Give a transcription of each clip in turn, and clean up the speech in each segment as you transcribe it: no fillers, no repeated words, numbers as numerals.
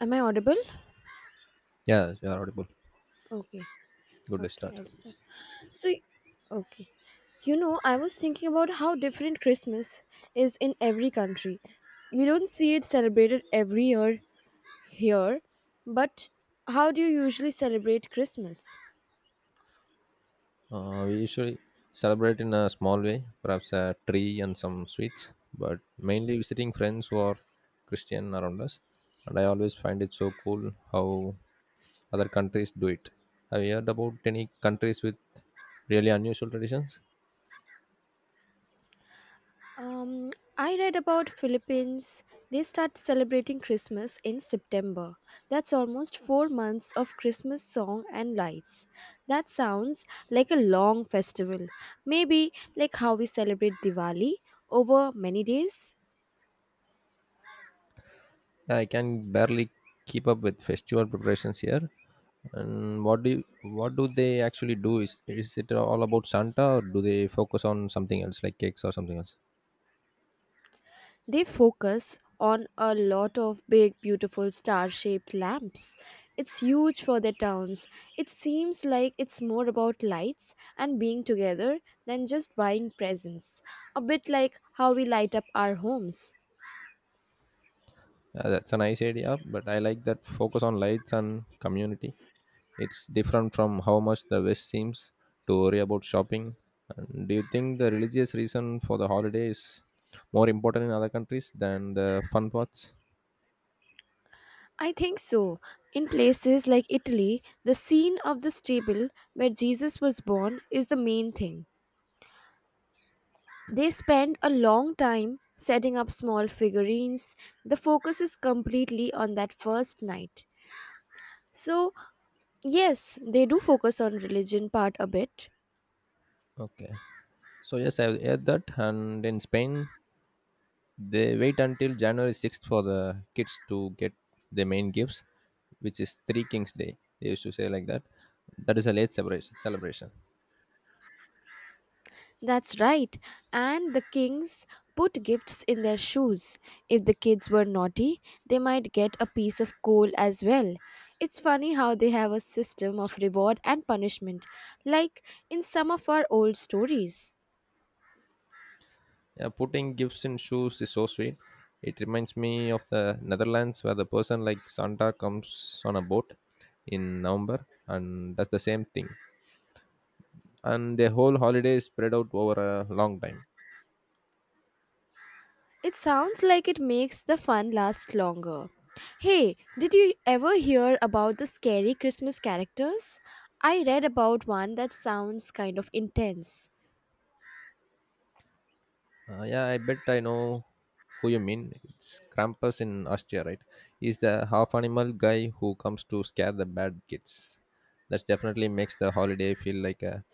Am I audible? Yeah, you are audible. Okay, Good, let's okay, start. I'll start. So, okay. You know, I was thinking about how different Christmas is in every country. We don't see it celebrated every year here, but how do you usually celebrate Christmas? We usually celebrate in a small way, perhaps a tree and some sweets, but mainly visiting friends who are Christian around us. And I always find it so cool how other countries do it. Have you heard about any countries with really unusual traditions? Um, I read about Philippines. They start celebrating Christmas in September. That's almost 4 months of Christmas song and lights. That sounds like a long festival. Maybe like how we celebrate Diwali over many days. I can barely keep up with festival preparations here. And what do they actually do? Is it all about Santa, or do they focus on something else like cakes or something else? They focus on a lot of big, beautiful star shaped lamps. It's huge for their towns. It seems like it's more about lights and being together than just buying presents. A bit like how we light up our homes. Yeah, that's a nice idea, but I like that focus on lights and community. It's different from how much the West seems to worry about shopping. And do you think the religious reason for the holiday is more important in other countries than the fun parts? I think so. In places like Italy, the scene of the stable where Jesus was born is the main thing. They spend a long time setting up small figurines. The focus is completely on that first night. So, yes, they do focus on religion part a bit. Okay. So yes, I've heard that. And in Spain, they wait until January 6th for the kids to get their main gifts, which is Three Kings Day. They used to say like that. That is a late celebration. Celebration. That's right. And the kings put gifts in their shoes. If the kids were naughty, they might get a piece of coal as well. It's funny how they have a system of reward and punishment, like in some of our old stories. Yeah, putting gifts in shoes is so sweet. It reminds me of the Netherlands where the person like Santa comes on a boat in November and does the same thing. And the whole holiday is spread out over a long time. It sounds like it makes the fun last longer. Hey, did you ever hear about the scary Christmas characters? I read about one that sounds kind of intense. Yeah, I bet I know who you mean. It's Krampus in Austria, right? He's the half animal guy who comes to scare the bad kids. That definitely makes the holiday feel like a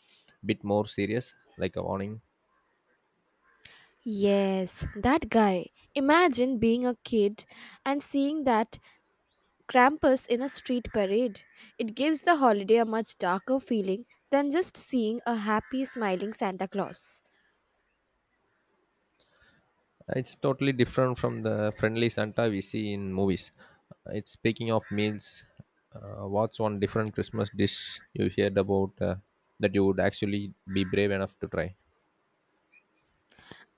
bit more serious, like a warning. Yes, that guy. Imagine being a kid and seeing that Krampus in a street parade. It gives the holiday a much darker feeling than just seeing a happy, smiling Santa Claus. It's totally different from the friendly Santa we see in movies. It's speaking of meals, what's one different Christmas dish you heard about that you would actually be brave enough to try?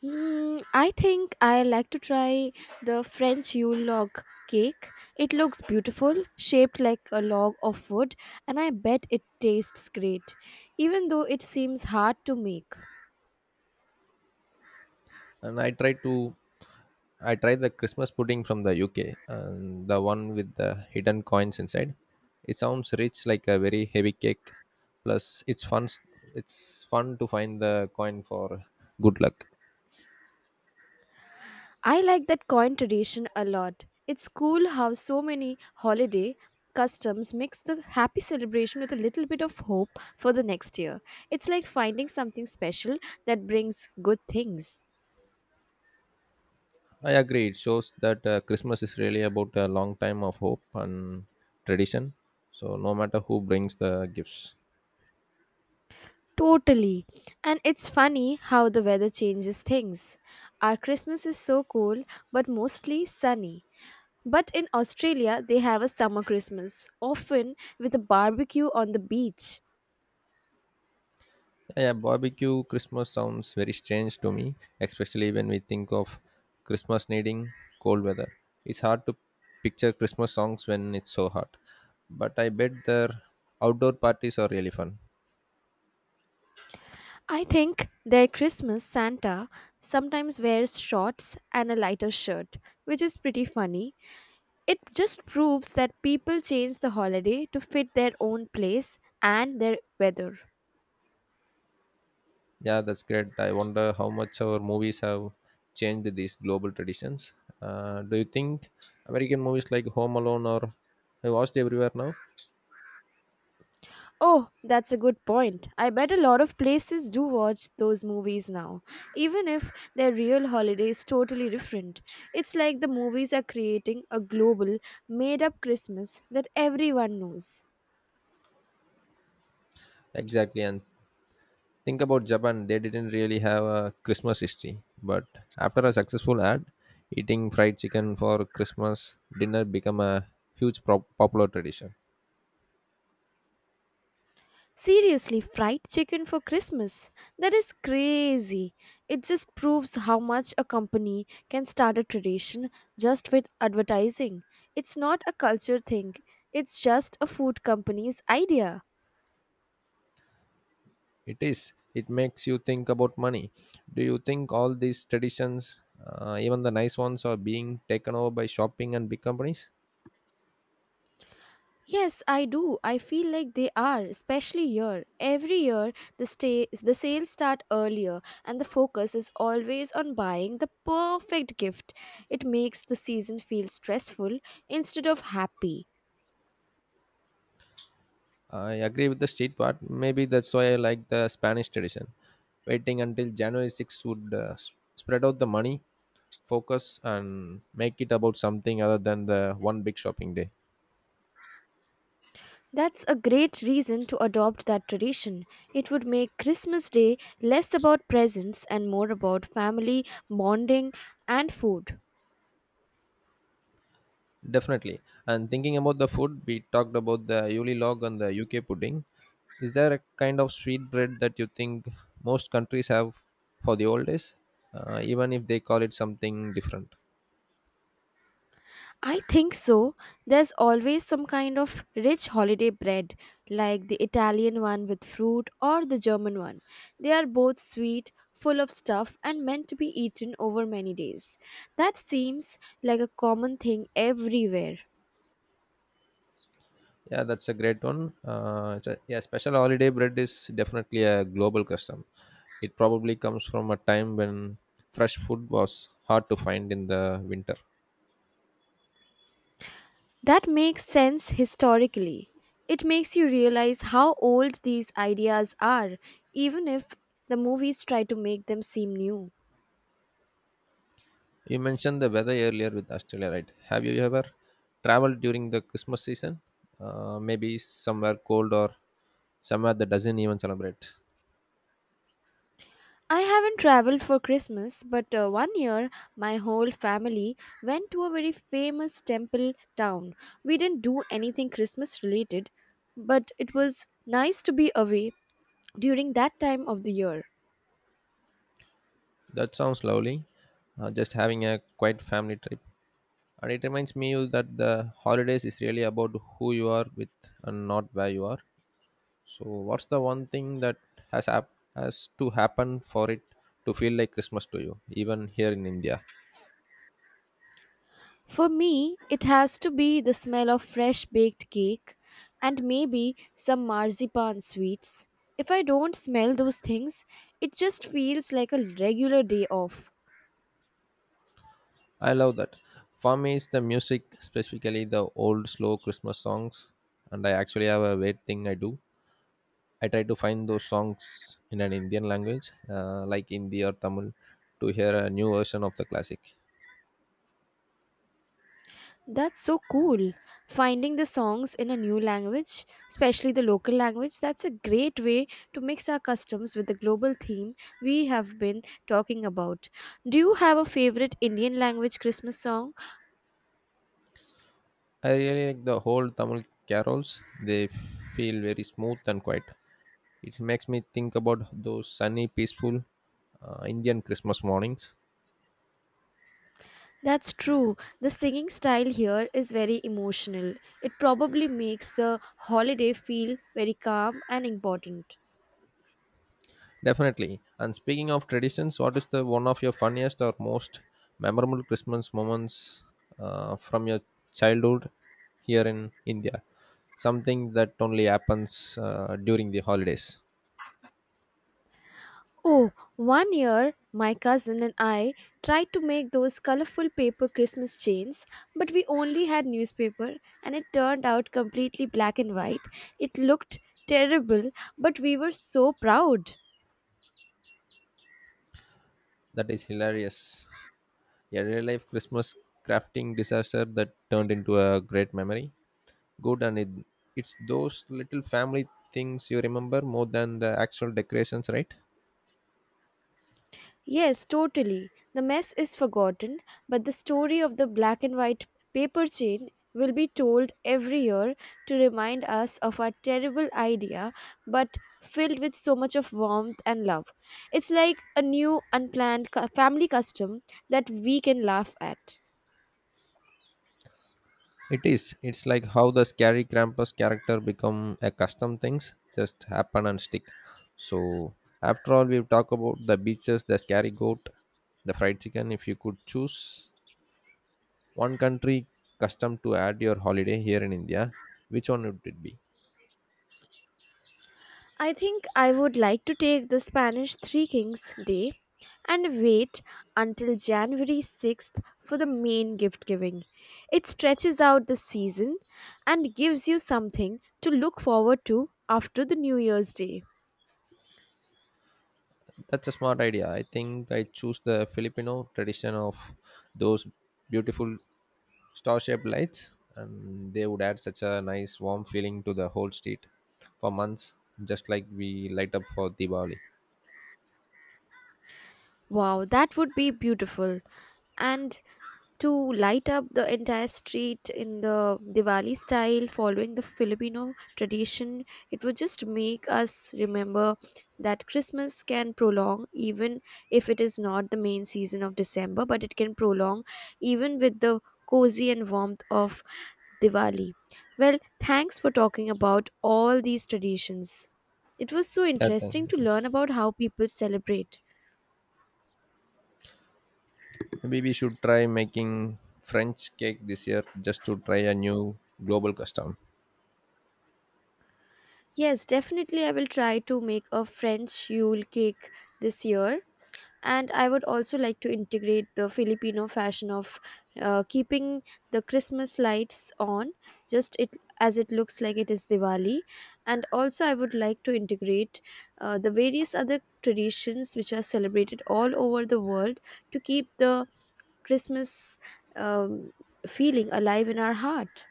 I think I like to try the French Yule log cake. It looks beautiful, shaped like a log of wood, and I bet it tastes great, even though it seems hard to make. And I tried to, I tried the Christmas pudding from the UK, and the one with the hidden coins inside. It sounds rich, like a very heavy cake. Plus, it's fun. It's fun to find the coin for good luck. I like that coin tradition a lot. It's cool how so many holiday customs mix the happy celebration with a little bit of hope for the next year. It's like finding something special that brings good things. I agree. It shows that Christmas is really about a long time of hope and tradition. So no matter who brings the gifts. Totally. And it's funny how the weather changes things. Our Christmas is so cold, but mostly sunny. But in Australia, they have a summer Christmas, often with a barbecue on the beach. Yeah, barbecue Christmas sounds very strange to me, especially when we think of Christmas needing cold weather. It's hard to picture Christmas songs when it's so hot. But I bet their outdoor parties are really fun. I think their Christmas Santa sometimes wears shorts and a lighter shirt, which is pretty funny. It just proves that people change the holiday to fit their own place and their weather. Yeah, that's great. I wonder how much our movies have changed these global traditions. Do you think American movies like Home Alone or I watched everywhere now? Oh, that's a good point. I bet a lot of places do watch those movies now, even if their real holiday is totally different. It's like the movies are creating a global, made up Christmas that everyone knows. Exactly. And think about Japan, they didn't really have a Christmas history. But after a successful ad, eating fried chicken for Christmas dinner became a huge popular tradition. Seriously, fried chicken for Christmas? That is crazy. It just proves how much a company can start a tradition just with advertising. It's not a culture thing, it's just a food company's idea. It is. It makes you think about money. Do you think all these traditions, even the nice ones, are being taken over by shopping and big companies? Yes, I do. I feel like they are, especially here. Every year, the sales start earlier, and the focus is always on buying the perfect gift. It makes the season feel stressful instead of happy. I agree with the street part. Maybe that's why I like the Spanish tradition. Waiting until January 6th would spread out the money, focus, and make it about something other than the one big shopping day. That's a great reason to adopt that tradition. It would make Christmas Day less about presents and more about family bonding and food. Definitely. And thinking about the food, we talked about the Yuli log and the UK pudding. Is there a kind of sweet bread that you think most countries have for the old days, even if they call it something different? I think so. There's always some kind of rich holiday bread, like the Italian one with fruit or the German one. They are both sweet, full of stuff, and meant to be eaten over many days. That seems like a common thing everywhere. Yeah, that's a great one. Special holiday bread is definitely a global custom. It probably comes from a time when fresh food was hard to find in the winter. That makes sense historically. It makes you realize how old these ideas are, even if the movies try to make them seem new. You mentioned the weather earlier with Australia, right? Have you ever traveled during the Christmas season? Maybe somewhere cold or somewhere that doesn't even celebrate. I haven't traveled for Christmas, but one year my whole family went to a very famous temple town. We didn't do anything Christmas related, but it was nice to be away during that time of the year. That sounds lovely. Just having a quiet family trip. And it reminds me you that the holidays is really about who you are with and not where you are. So, what's the one thing that has hap- has to happen for it to feel like Christmas to you, even here in India? For me, it has to be the smell of fresh baked cake and maybe some marzipan sweets. If I don't smell those things, it just feels like a regular day off. I love that. For me, it's the music, specifically the old slow Christmas songs. And I actually have a weird thing I do. I try to find those songs in an Indian language, like Hindi or Tamil, to hear a new version of the classic. That's so cool. Finding the songs in a new language, especially the local language, that's a great way to mix our customs with the global theme we have been talking about. Do you have a favorite Indian language Christmas song? I really like the whole Tamil carols. They feel very smooth and quiet. It makes me think about those sunny, peaceful Indian Christmas mornings. That's true. The singing style here is very emotional. It probably makes the holiday feel very calm and important. Definitely. And speaking of traditions, what is the one of your funniest or most memorable Christmas moments from your childhood here in India? Something that only happens during the holidays. Oh, one year my cousin and I tried to make those colorful paper Christmas chains, but we only had newspaper and it turned out completely black and white. It looked terrible, but we were so proud. That is hilarious. A real life Christmas crafting disaster that turned into a great memory. good and it, it's those little family things you remember more than the actual decorations, right? Yes, totally. The mess is forgotten, but the story of the black and white paper chain will be told every year to remind us of our terrible idea, but filled with so much of warmth and love. It's like a new, unplanned family custom that we can laugh at. It is. It's like how the scary Krampus character become a custom. Things just happen and stick. So after all we've talked about, the beaches, the scary goat, the fried chicken, if you could choose one country custom to add your holiday here in India, which one would it be? I think I would like to take the Spanish Three Kings Day and wait until January 6th for the main gift giving. It stretches out the season and gives you something to look forward to after the New Year's Day. That's a smart idea. I think I choose the Filipino tradition of those beautiful star shaped lights, and they would add such a nice warm feeling to the whole street for months, just like we light up for Diwali. Wow, that would be beautiful. And to light up the entire street in the Diwali style, following the Filipino tradition. It would just make us remember that Christmas can prolong, even if it is not the main season of December, but it can prolong even with the cozy and warmth of Diwali. Well, thanks for talking about all these traditions. It was so Yeah, thank interesting to you. learn about how people celebrate. Maybe we should try making french cake this year, just to try a new global custom. Yes, definitely, I will try to make a French Yule cake this year and I would also like to integrate the Filipino fashion of keeping the Christmas lights on just it as it looks like it is Diwali, and also I would like to integrate the various other traditions which are celebrated all over the world to keep the Christmas um, feeling alive in our heart.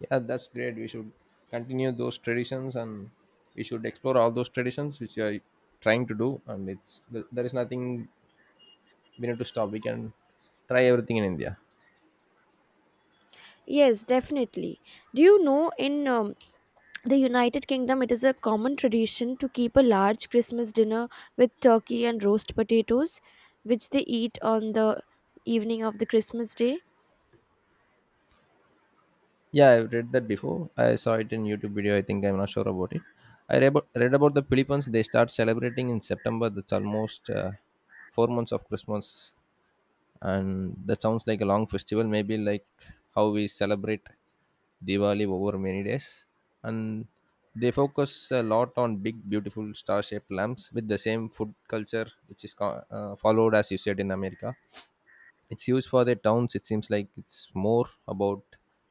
Yeah, that's great. We should continue those traditions, and we should explore all those traditions which we are trying to do, and there is nothing we need to stop. We can try everything in India. Yes, definitely. Do you know in the United Kingdom, it is a common tradition to keep a large Christmas dinner with turkey and roast potatoes, which they eat on the evening of the Christmas day. Yeah, I've read that before. I saw it in YouTube video. I think I'm not sure about it. Read about the Philippines. They start celebrating in September. That's almost 4 months of Christmas, and that sounds like a long festival. Maybe like how we celebrate Diwali over many days, and they focus a lot on big, beautiful star-shaped lamps with the same food culture, which is followed as you said in America. It's used for the towns. It seems like it's more about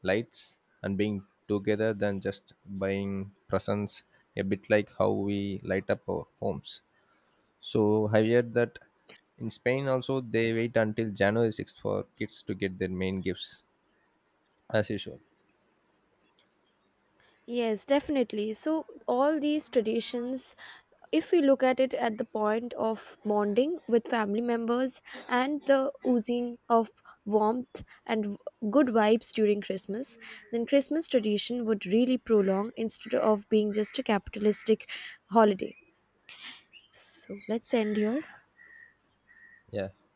lights and being together than just buying presents, a bit like how we light up our homes. So I heard that in Spain also they wait until January 6th for kids to get their main gifts as usual. Yes, definitely. So, all these traditions, if we look at it at the point of bonding with family members and the oozing of warmth and good vibes during Christmas, then Christmas tradition would really prolong instead of being just a capitalistic holiday. So, let's end here. Yeah.